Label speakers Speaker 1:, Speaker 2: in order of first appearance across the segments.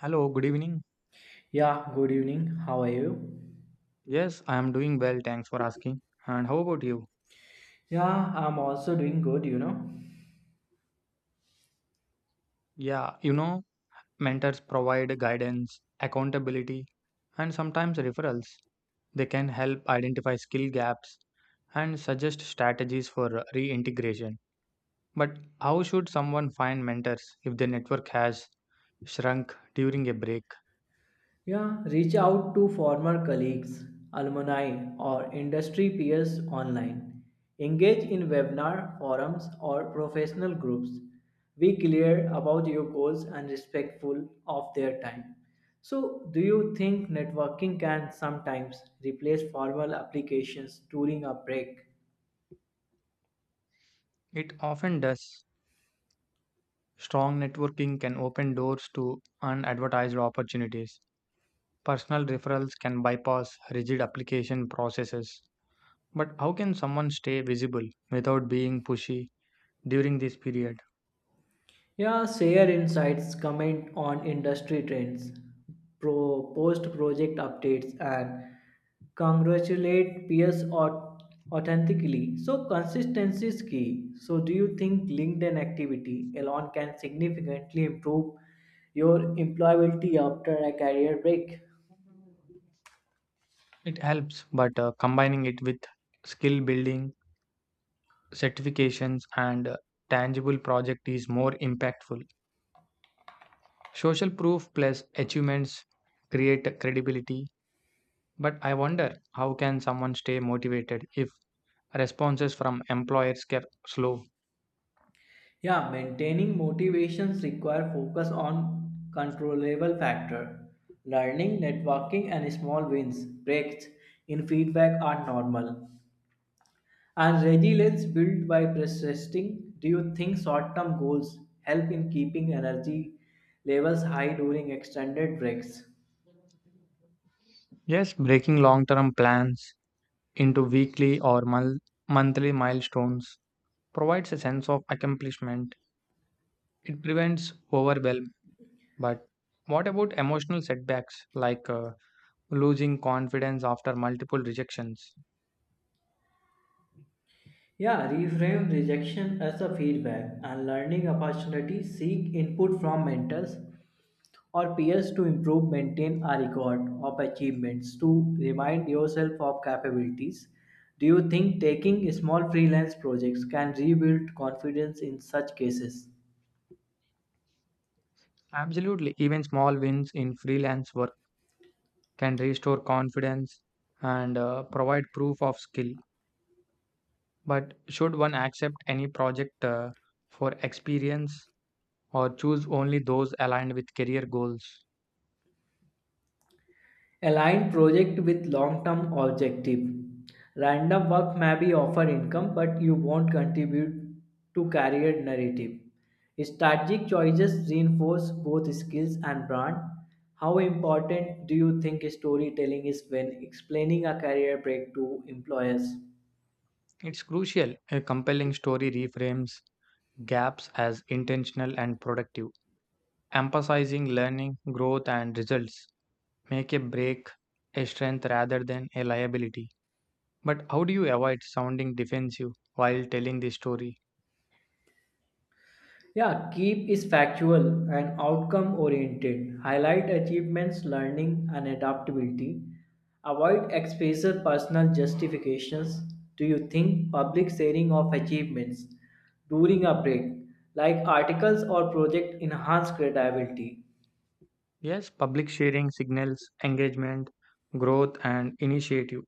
Speaker 1: Hello, good evening.
Speaker 2: Yeah, good evening. How are you?
Speaker 1: Yes, I am doing well. Thanks for asking. And how about you?
Speaker 2: Yeah, I'm also doing good.
Speaker 1: Yeah, you know, Mentors provide guidance, accountability, and sometimes referrals. They can help identify skill gaps and suggest strategies for reintegration. But how should someone find mentors if their network has shrunk during a break?
Speaker 2: Yeah, reach out to former colleagues, alumni, or industry peers online. Engage in webinar, forums, or professional groups. Be clear about your goals and respectful of their time. So, do you think networking can sometimes replace formal applications during a break?
Speaker 1: It often does. Strong networking can open doors to unadvertised opportunities. Personal referrals can bypass rigid application processes. But how can someone stay visible without being pushy during this period?
Speaker 2: Yeah, share insights, comment on industry trends, post project updates, and congratulate authentically. So, consistency is key. So, do you think LinkedIn activity alone can significantly improve your employability after a career break?
Speaker 1: It helps, but combining it with skill building, certifications, and tangible project is more impactful. Social proof plus achievements create credibility. But I wonder how can someone stay motivated if responses from employers kept slow?
Speaker 2: Yeah, maintaining motivations require focus on controllable factor. Learning, networking, and small wins, breaks in feedback are normal. And resilience built by persisting. Do you think short-term goals help in keeping energy levels high during extended breaks?
Speaker 1: Yes, breaking long term plans into weekly or monthly milestones provides a sense of accomplishment. It prevents overwhelm. But what about emotional setbacks like losing confidence after multiple rejections?
Speaker 2: Yeah, reframe rejection as a feedback and learning opportunity. Seek input from mentors or peers to improve, maintain a record of achievements to remind yourself of capabilities. Do you think taking small freelance projects can rebuild confidence in such cases?
Speaker 1: Absolutely. Even small wins in freelance work can restore confidence and provide proof of skill. But should one accept any project for experience or choose only those aligned with career goals?
Speaker 2: Align project with long-term objective. Random work may be offer income, but you won't contribute to career narrative. Strategic choices reinforce both skills and brand. How important do you think storytelling is when explaining a career break to employers?
Speaker 1: It's crucial. A compelling story reframes gaps as intentional and productive, emphasizing learning, growth, and results. Make a break a strength rather than a liability. But how do you avoid sounding defensive while telling the story?
Speaker 2: Yeah, keep is factual and outcome oriented. Highlight achievements, learning, and adaptability. Avoid explicit personal justifications. Do you think public sharing of achievements during a break, like articles or project, enhance credibility?
Speaker 1: Yes, public sharing signals engagement, growth, and initiative.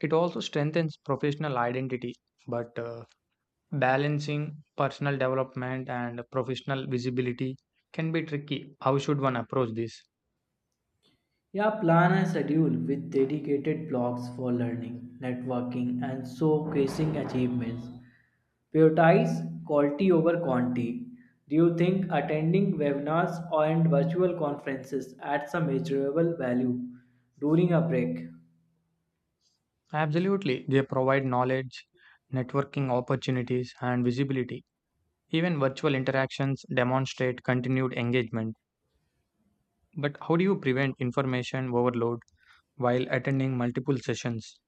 Speaker 1: It also strengthens professional identity, but balancing personal development and professional visibility can be tricky. How should one approach this?
Speaker 2: Yeah, plan a schedule with dedicated blocks for learning, networking, and showcasing achievements. Prioritize quality over quantity. Do you think attending webinars and virtual conferences adds a measurable value during a break?
Speaker 1: Absolutely, they provide knowledge, networking opportunities, and visibility. Even virtual interactions demonstrate continued engagement. But how do you prevent information overload while attending multiple sessions?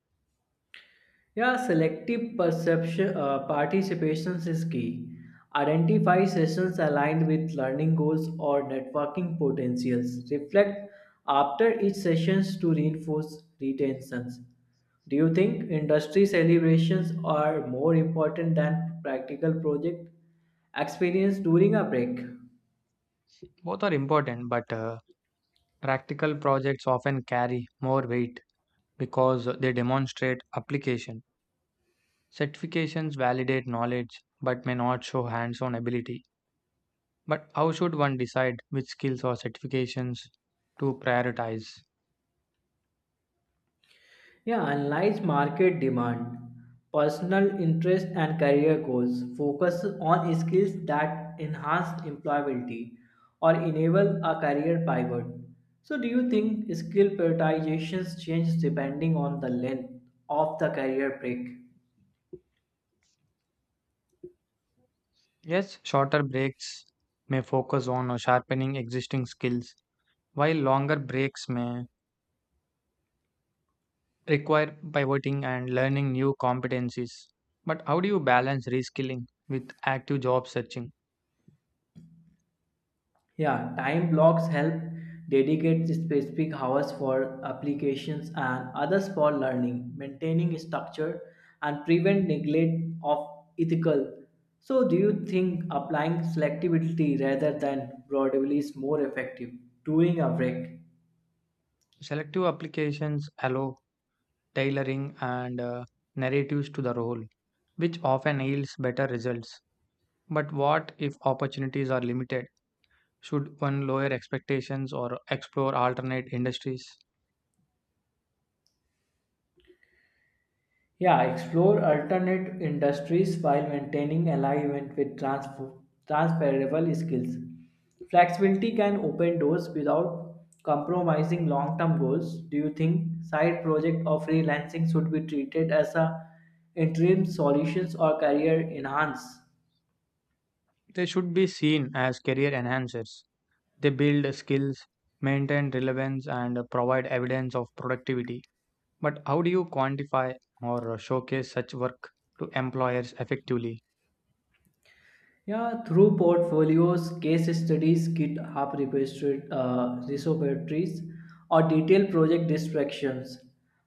Speaker 2: Yeah, selective perception participations is key. Identify sessions aligned with learning goals or networking potentials. Reflect after each sessions to reinforce retentions. Do you think industry celebrations are more important than practical project experience during a break?
Speaker 1: Both are important, but practical projects often carry more weight because they demonstrate application. Certifications validate knowledge but may not show hands on ability. But how should one decide which skills or certifications to prioritize?
Speaker 2: Yeah, analyze market demand, personal interest, and career goals. Focus on skills that enhance employability or enable a career pivot. So, do you think skill prioritizations change depending on the length of the career break?
Speaker 1: Yes, shorter breaks may focus on sharpening existing skills, while longer breaks may require pivoting and learning new competencies. But how do you balance reskilling with active job searching?
Speaker 2: Yeah, time blocks help dedicate specific hours for applications and others for learning, maintaining structure, and prevent neglect of ethical. So, do you think applying selectivity rather than broadly is more effective during a break?
Speaker 1: Selective applications allow tailoring and narratives to the role, which often yields better results. But what if opportunities are limited? Should one lower expectations or explore alternate industries?
Speaker 2: Yeah, explore alternate industries while maintaining alignment with transferable skills. Flexibility can open doors without compromising long term goals. Do you think side project or freelancing should be treated as a interim solutions or career enhance?
Speaker 1: They should be seen as career enhancers. They build skills, maintain relevance, and provide evidence of productivity. But how do you quantify or showcase such work to employers effectively?
Speaker 2: Yeah, through portfolios, case studies, repositories, or detailed project distractions,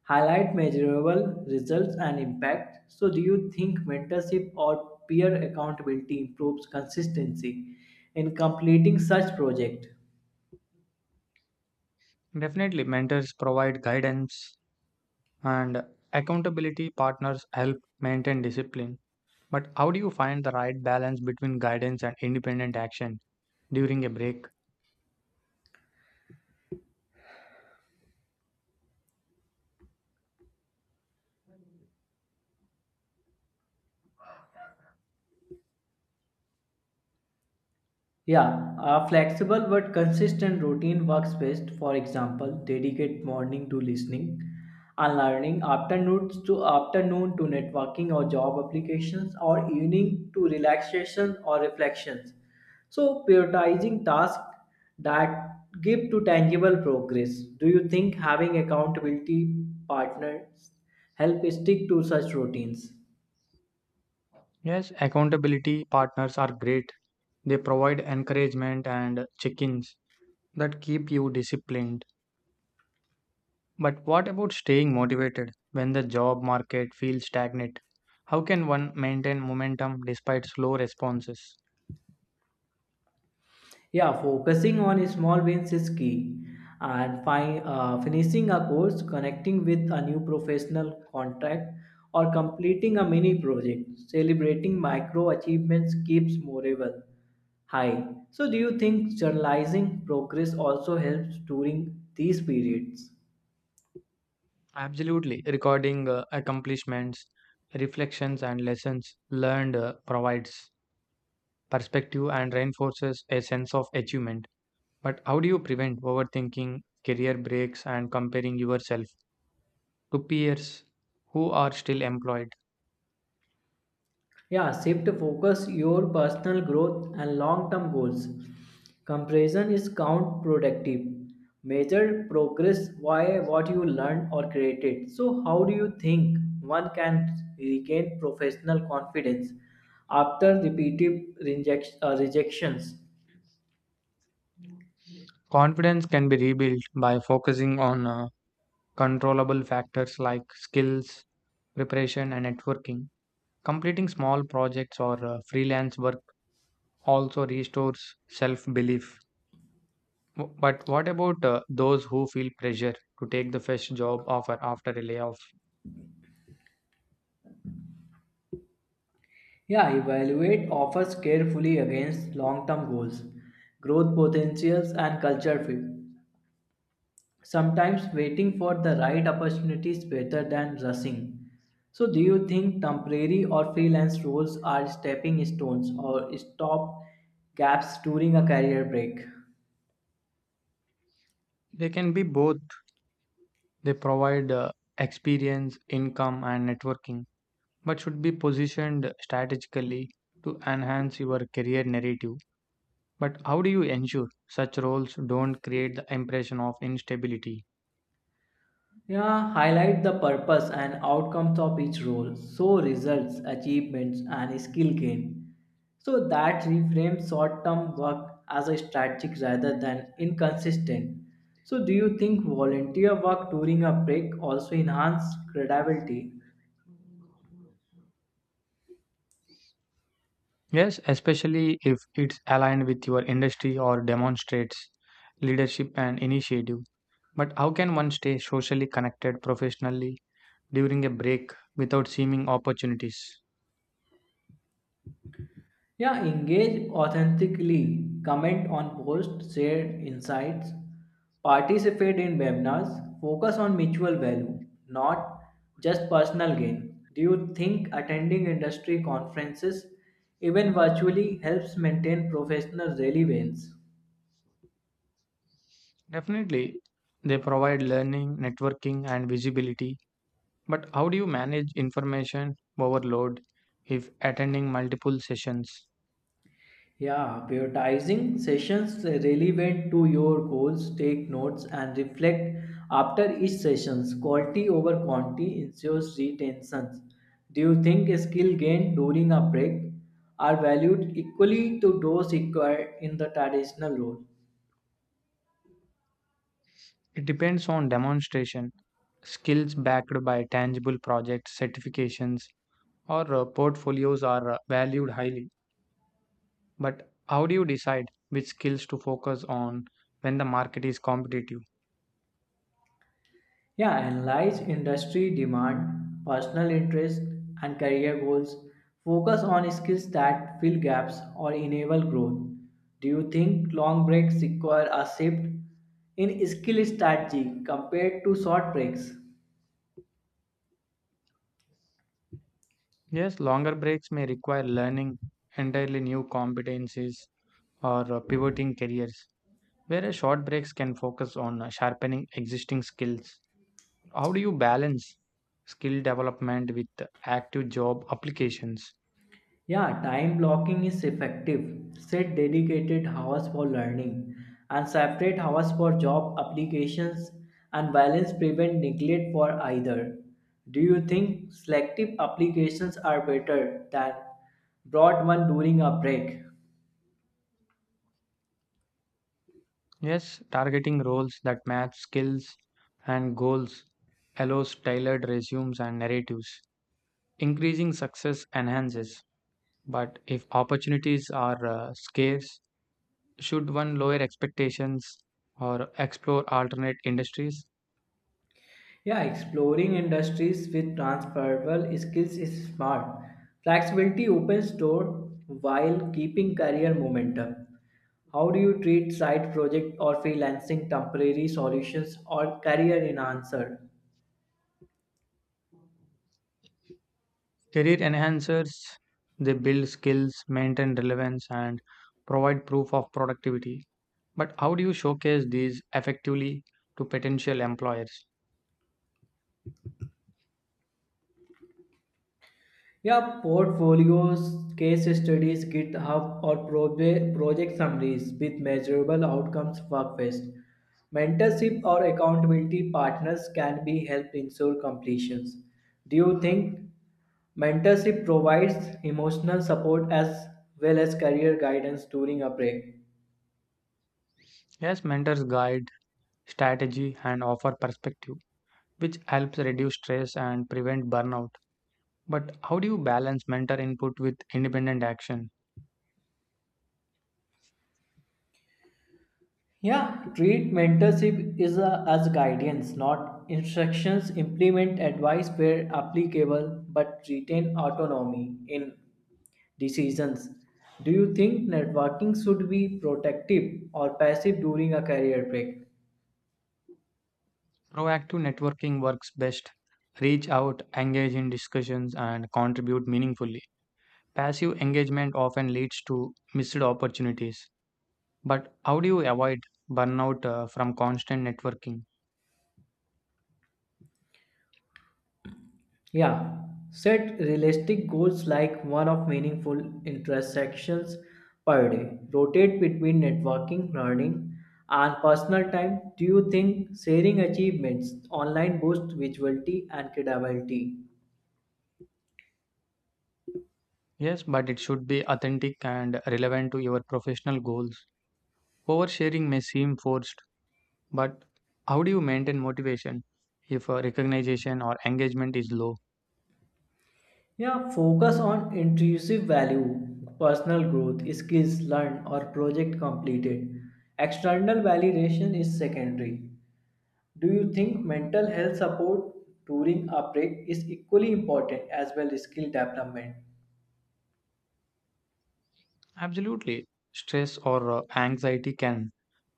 Speaker 2: highlight measurable results and impact. So, do you think mentorship or peer accountability improves consistency in completing such project?
Speaker 1: Definitely, mentors provide guidance and accountability partners help maintain discipline. But how do you find the right balance between guidance and independent action during a break?
Speaker 2: Yeah, a flexible but consistent routine works best. For example, dedicate morning to listening and learning, afternoon to networking or job applications, or evening to relaxation or reflections. So prioritizing tasks that give to tangible progress. Do you think having accountability partners help stick to such routines?
Speaker 1: Yes, accountability partners are great. They provide encouragement and check ins that keep you disciplined. But what about staying motivated when the job market feels stagnant? How can one maintain momentum despite slow responses?
Speaker 2: Yeah, focusing on small wins is key, and finishing a course, connecting with a new professional contract, or completing a mini project. Celebrating micro achievements keeps morale high. So, do you think journalizing progress also helps during these periods?
Speaker 1: Absolutely. Recording accomplishments, reflections, and lessons learned provides perspective and reinforces a sense of achievement. But how do you prevent overthinking, career breaks, and comparing yourself to peers who are still employed?
Speaker 2: Yeah, shift focus your personal growth and long term goals. Comparison is counterproductive. Measure progress by what you learned or created. So, how do you think one can regain professional confidence after rejections?
Speaker 1: Confidence can be rebuilt by focusing on controllable factors like skills, preparation, and networking. Completing small projects or freelance work also restores self belief. But what about those who feel pressure to take the first job offer after a layoff?
Speaker 2: Yeah, evaluate offers carefully against long term goals, growth potentials, and culture fit. Sometimes waiting for the right opportunity is better than rushing. So, do you think temporary or freelance roles are stepping stones or stop gaps during a career break?
Speaker 1: They can be both. They provide experience, income, and networking, but should be positioned strategically to enhance your career narrative. But how do you ensure such roles don't create the impression of instability?
Speaker 2: Yeah, highlight the purpose and outcomes of each role. So, results, achievements, and skill gain. So, that reframes short term work as a strategic rather than inconsistent. So, do you think volunteer work during a break also enhance credibility?
Speaker 1: Yes, especially if it's aligned with your industry or demonstrates leadership and initiative. But how can one stay socially connected professionally during a break without seeming opportunities?
Speaker 2: Yeah, engage authentically, comment on posts, share insights, participate in webinars, focus on mutual value, not just personal gain. Do you think attending industry conferences, even virtually, helps maintain professional relevance?
Speaker 1: Definitely, they provide learning, networking, and visibility. But how do you manage information overload if attending multiple sessions?
Speaker 2: Yeah, prioritizing sessions relevant to your goals, take notes and reflect after each sessions. Quality over quantity ensures retention. Do you think skill gained during a break are valued equally to those acquired in the traditional role?
Speaker 1: It depends on demonstration, skills backed by tangible projects, certifications, or portfolios are valued highly. But how do you decide which skills to focus on when the market is competitive?
Speaker 2: Yeah, analyze industry demand, personal interest, and career goals. Focus on skills that fill gaps or enable growth. Do you think long breaks require a shift in skill strategy compared to short breaks?
Speaker 1: Yes, longer breaks may require learning entirely new competencies or pivoting careers, whereas short breaks can focus on sharpening existing skills. How do you balance skill development with active job applications?
Speaker 2: Yeah, time blocking is effective. Set dedicated hours for learning and separate hours for job applications and balance prevent neglect for either. Do you think selective applications are better than broad one during a break?
Speaker 1: Yes, targeting roles that match skills and goals allows tailored resumes and narratives. Increasing success enhances, but if opportunities are scarce, should one lower expectations or explore alternate industries?
Speaker 2: Yeah, exploring industries with transferable skills is smart. Flexibility opens door while keeping career momentum. How do you treat side project or freelancing temporary solutions or career enhancer?
Speaker 1: Career enhancers, they build skills, maintain relevance, and provide proof of productivity. But how do you showcase these effectively to potential employers?
Speaker 2: Yeah, portfolios, case studies, GitHub, or project summaries with measurable outcomes work best. Mentorship or accountability partners can be help ensure completions. Do you think mentorship provides emotional support as well as career guidance during a break?
Speaker 1: Yes, mentors guide strategy and offer perspective, which helps reduce stress and prevent burnout. But how do you balance mentor input with independent action?
Speaker 2: Yeah, treat mentorship as guidance, not instructions. Implement advice where applicable, but retain autonomy in decisions. Do you think networking should be protective or passive during a career break?
Speaker 1: Proactive networking works best. Reach out, engage in discussions, and contribute meaningfully. Passive engagement often leads to missed opportunities. But how do you avoid burnout from constant networking?
Speaker 2: Yeah, set realistic goals like one of meaningful intersections per day. Rotate between networking, learning, and personal time. Do you think sharing achievements online boosts visibility and credibility?
Speaker 1: Yes, but it should be authentic and relevant to your professional goals. Oversharing may seem forced, but how do you maintain motivation if recognition or engagement is low?
Speaker 2: Yeah, focus on intrinsic value, personal growth, skills learned, or project completed. External validation is secondary. Do you think mental health support during a break is equally important as well as skill development?
Speaker 1: Absolutely. Stress or anxiety can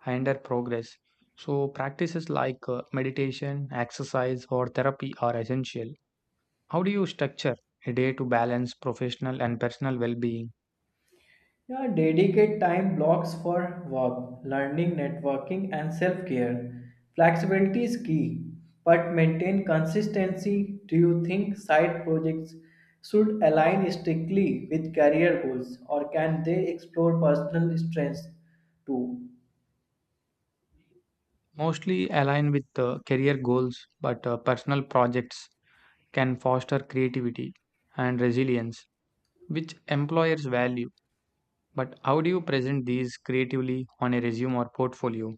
Speaker 1: hinder progress. So, practices like meditation, exercise, or therapy are essential. How do you structure a day to balance professional and personal well being?
Speaker 2: Yeah, dedicate time blocks for work, learning, networking, and self care. Flexibility is key, but maintain consistency. Do you think side projects should align strictly with career goals, or can they explore personal strengths too?
Speaker 1: Mostly align with career goals, but personal projects can foster creativity and resilience, which employers value. But how do you present these creatively on a resume or portfolio?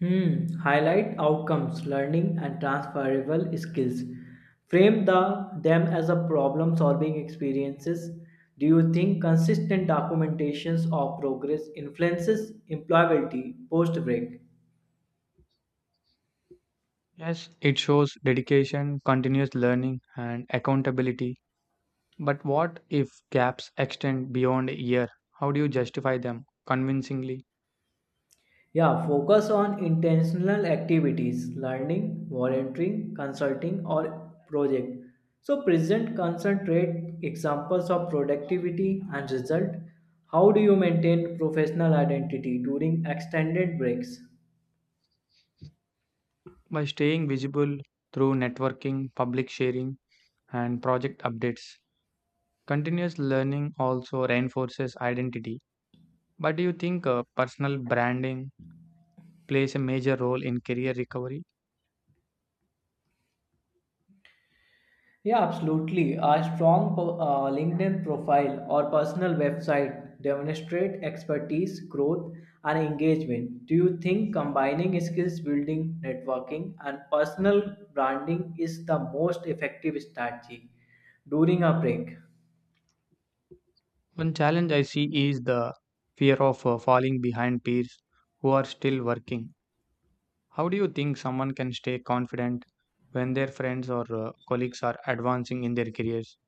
Speaker 2: Hmm. Highlight outcomes, learning, and transferable skills. Frame them as a problem solving experiences. Do you think consistent documentations of progress influences employability post break?
Speaker 1: Yes, it shows dedication, continuous learning, and accountability. But what if gaps extend beyond a year? How do you justify them convincingly?
Speaker 2: Yeah, focus on intentional activities, learning, volunteering, consulting, or project. So present concentrate examples of productivity and result. How do you maintain professional identity during extended breaks?
Speaker 1: By staying visible through networking, public sharing, and project updates. Continuous learning also reinforces identity. But do you think personal branding plays a major role in career recovery?
Speaker 2: Yeah, absolutely. A strong LinkedIn profile or personal website demonstrate expertise, growth, and engagement. Do you think combining skills building, networking, and personal branding is the most effective strategy during a break?
Speaker 1: One challenge I see is the fear of falling behind peers who are still working. How do you think someone can stay confident when their friends or colleagues are advancing in their careers?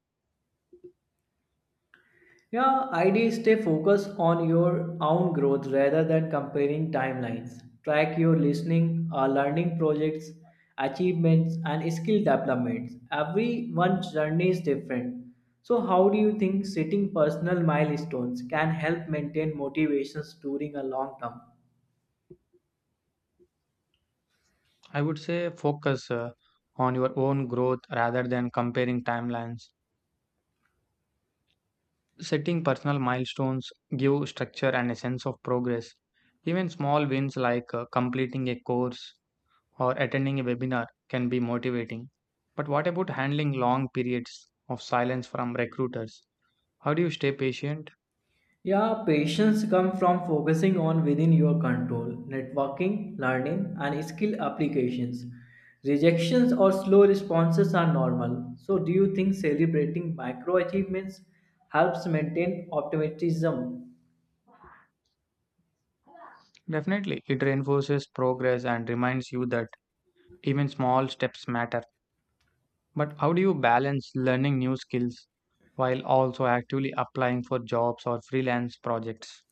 Speaker 2: Yeah, ID stay focused on your own growth rather than comparing timelines. Track your learning projects, achievements, and skill developments. Everyone's journey is different. So, how do you think setting personal milestones can help maintain motivations during a long term?
Speaker 1: I would say focus on your own growth rather than comparing timelines. Setting personal milestones give structure and a sense of progress. Even small wins like completing a course or attending a webinar can be motivating. But what about handling long periods of silence from recruiters? How do you stay patient?
Speaker 2: Yeah, patience comes from focusing on within your control, networking, learning, and skill applications. Rejections or slow responses are normal. So, do you think celebrating micro achievements helps maintain optimism?
Speaker 1: Definitely, it reinforces progress and reminds you that even small steps matter. But how do you balance learning new skills while also actively applying for jobs or freelance projects?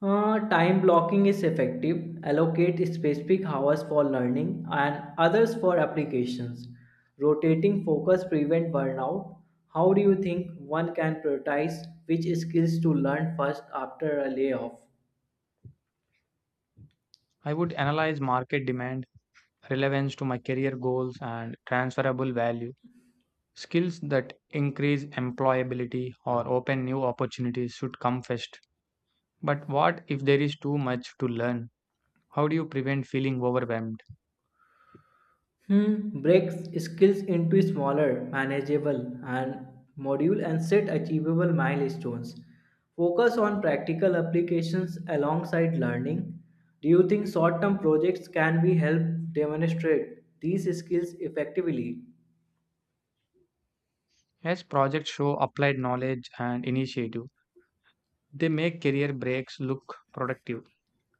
Speaker 2: Time blocking is effective. Allocate specific hours for learning and others for applications. Rotating focus prevent burnout. How do you think one can prioritize which skills to learn first after a layoff?
Speaker 1: I would analyze market demand, relevance to my career goals, and transferable value. Skills that increase employability or open new opportunities should come first. But what if there is too much to learn? How do you prevent feeling overwhelmed?
Speaker 2: Hmm, break skills into smaller, manageable, and module and set achievable milestones. Focus on practical applications alongside learning. Do you think short-term projects can be help demonstrate these skills effectively?
Speaker 1: As projects show applied knowledge and initiative, they make career breaks look productive.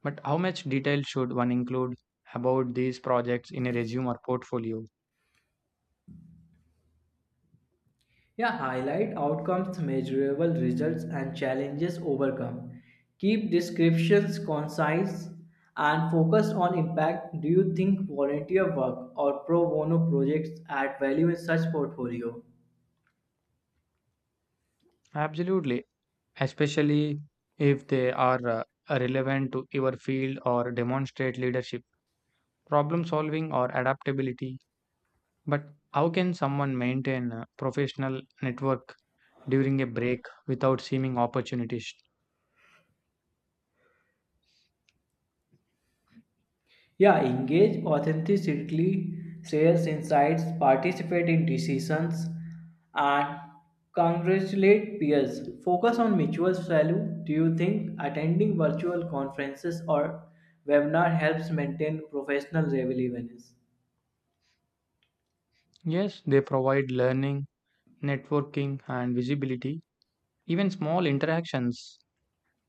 Speaker 1: But how much detail should one include about these projects in a resume or portfolio?
Speaker 2: Yeah, highlight outcomes, measurable results, and challenges overcome. Keep descriptions concise and focus on impact. Do you think volunteer work or pro bono projects add value in such portfolio?
Speaker 1: Absolutely, especially if they are relevant to your field or demonstrate leadership, problem solving, or adaptability. But how can someone maintain a professional network during a break without seeming opportunist?
Speaker 2: Yeah, engage authentically, shares insights, participate in decisions, and congratulate peers. Focus on mutual value. Do you think attending virtual conferences or webinar helps maintain professional relevance?
Speaker 1: Yes, they provide learning, networking, and visibility. Even small interactions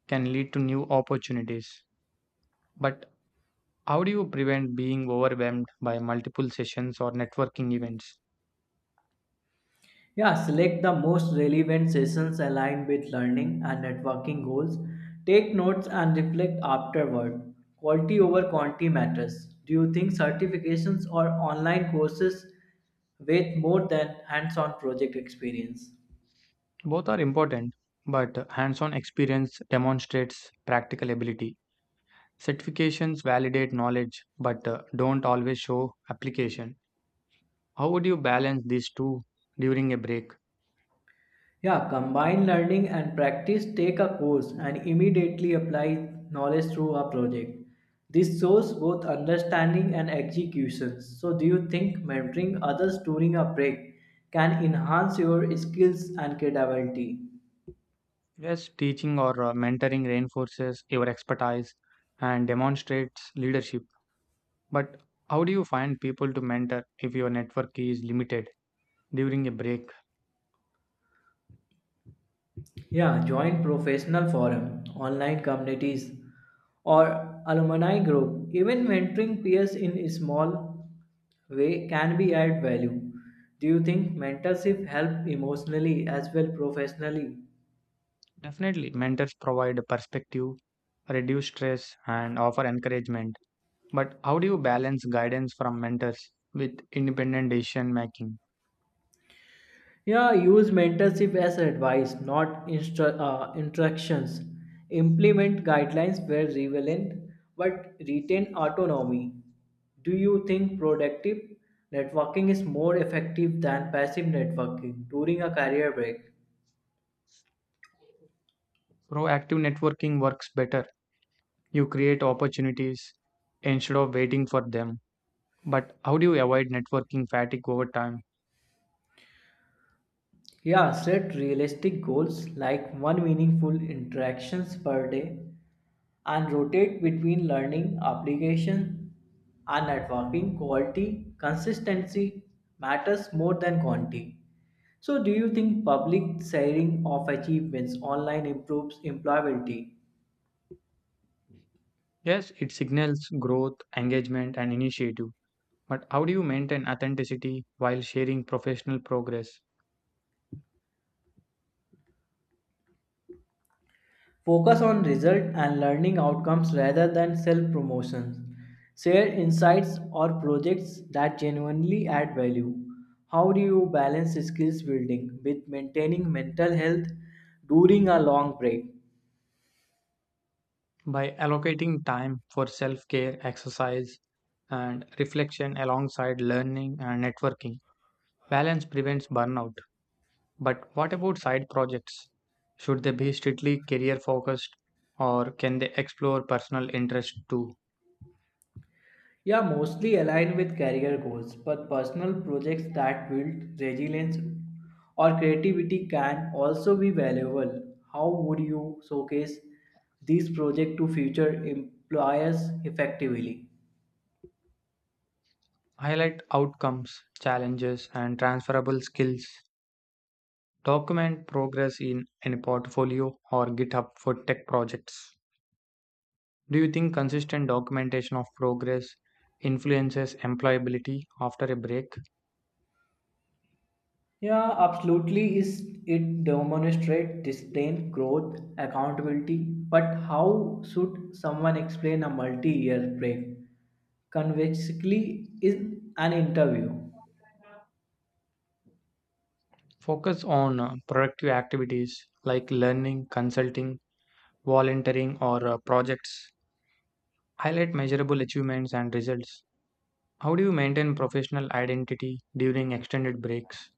Speaker 1: can lead to new opportunities. But how do you prevent being overwhelmed by multiple sessions or networking events?
Speaker 2: Yeah, select the most relevant sessions aligned with learning and networking goals. Take notes and reflect afterward. Quality over quantity matters. Do you think certifications or online courses weigh more than hands on project experience?
Speaker 1: Both are important, but hands on experience demonstrates practical ability. Certifications validate knowledge but don't always show application. How would you balance these two during a break?
Speaker 2: Yeah, combine learning and practice, take a course and immediately apply knowledge through a project. This shows both understanding and execution. So, do you think mentoring others during a break can enhance your skills and credibility?
Speaker 1: Yes, teaching or mentoring reinforces your expertise and demonstrates leadership, but how do you find people to mentor if your network is limited during a break?
Speaker 2: Yeah, join professional forum, online communities, or alumni group. Even mentoring peers in a small way can be add value. Do you think mentorship help emotionally as well professionally?
Speaker 1: Definitely, mentors provide perspective, reduce stress, and offer encouragement. But how do you balance guidance from mentors with independent decision making?
Speaker 2: Yeah, use mentorship as advice, not instructions. Implement guidelines where relevant, but retain autonomy. Do you think productive networking is more effective than passive networking during a career break?
Speaker 1: Proactive networking works better. You create opportunities instead of waiting for them. But how do you avoid networking fatigue over time?
Speaker 2: Yeah, set realistic goals like one meaningful interactions per day and rotate between learning application and networking quality consistency matters more than quantity so do you think public sharing of achievements online improves employability
Speaker 1: Yes, it signals growth, engagement, and initiative. But how do you maintain authenticity while sharing professional progress?
Speaker 2: focus on result and learning outcomes rather than self promotions share insights or projects that genuinely add value how do you balance skills building with maintaining mental health during a long break.
Speaker 1: By allocating time for self care, exercise, and reflection alongside learning and networking, balance prevents burnout. But what about side projects? Should they be strictly career focused or can they explore personal interests too?
Speaker 2: Yeah, mostly aligned with career goals, but personal projects that build resilience or creativity can also be valuable. How would you showcase these projects to future employers effectively?
Speaker 1: Highlight outcomes, challenges, and transferable skills. Document progress in a portfolio or GitHub for tech projects. Do you think consistent documentation of progress influences employability after a break?
Speaker 2: Yeah, absolutely. Is it demonstrate discipline, growth, accountability? But how should someone explain a multi-year break convexly in an interview?
Speaker 1: Focus on productive activities like learning, consulting, volunteering, or projects. Highlight measurable achievements and results. How do you maintain professional identity during extended breaks?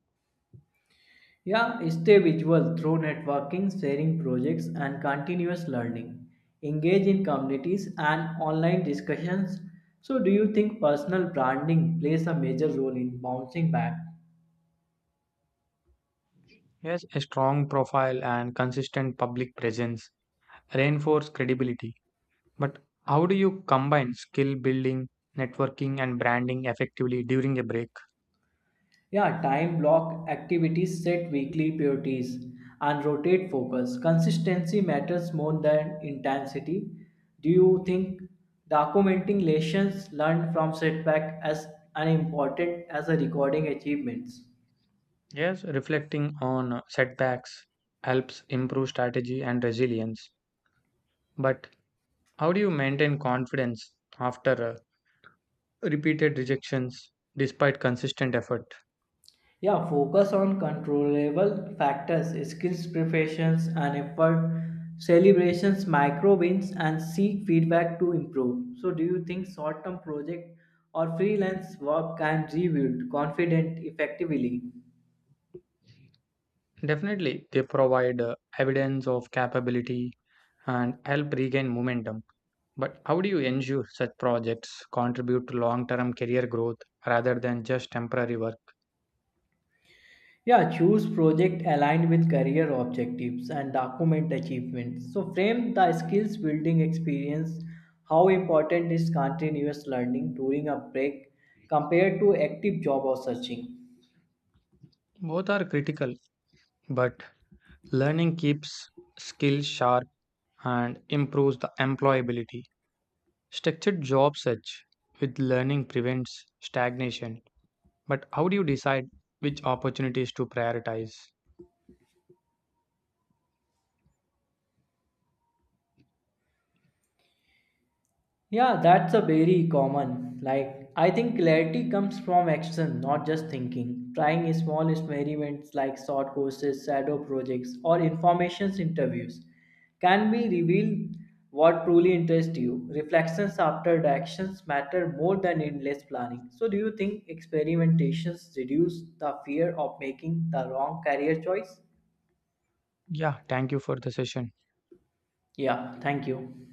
Speaker 2: Yeah, stay visual through networking, sharing projects, and continuous learning. Engage in communities and online discussions. So, do you think personal branding plays a major role in bouncing back?
Speaker 1: Yes, a strong profile and consistent public presence reinforce credibility. But how do you combine skill building, networking, and branding effectively during a break?
Speaker 2: Yeah, time block activities, set weekly priorities, and rotate focus. Consistency matters more than intensity. Do you think documenting lessons learned from setback as an important as a recording achievements?
Speaker 1: Yes, reflecting on setbacks helps improve strategy and resilience. But how do you maintain confidence after repeated rejections despite consistent effort?
Speaker 2: Yeah, focus on controllable factors, skills preparations and effort, celebrations, micro wins, and seek feedback to improve. So, do you think short term project or freelance work can rebuild confident effectively?
Speaker 1: Definitely, they provide evidence of capability and help regain momentum. But how do you ensure such projects contribute to long term career growth rather than just temporary work?
Speaker 2: Yeah, choose project aligned with career objectives and document achievements. So, frame the skills building experience. How important is continuous learning during a break compared to active job or searching?
Speaker 1: Both are critical, but learning keeps skills sharp and improves the employability. Structured job search with learning prevents stagnation. But how do you decide which opportunities to prioritize?
Speaker 2: Yeah, that's a very common. Like, I think clarity comes from action, not just thinking. Trying small experiments like short courses, shadow projects, or information interviews can be reveal what truly interests you. Reflections after the actions matter more than endless planning. So, do you think experimentations reduce the fear of making the wrong career choice?
Speaker 1: Yeah, thank you for the session.
Speaker 2: Yeah, thank you.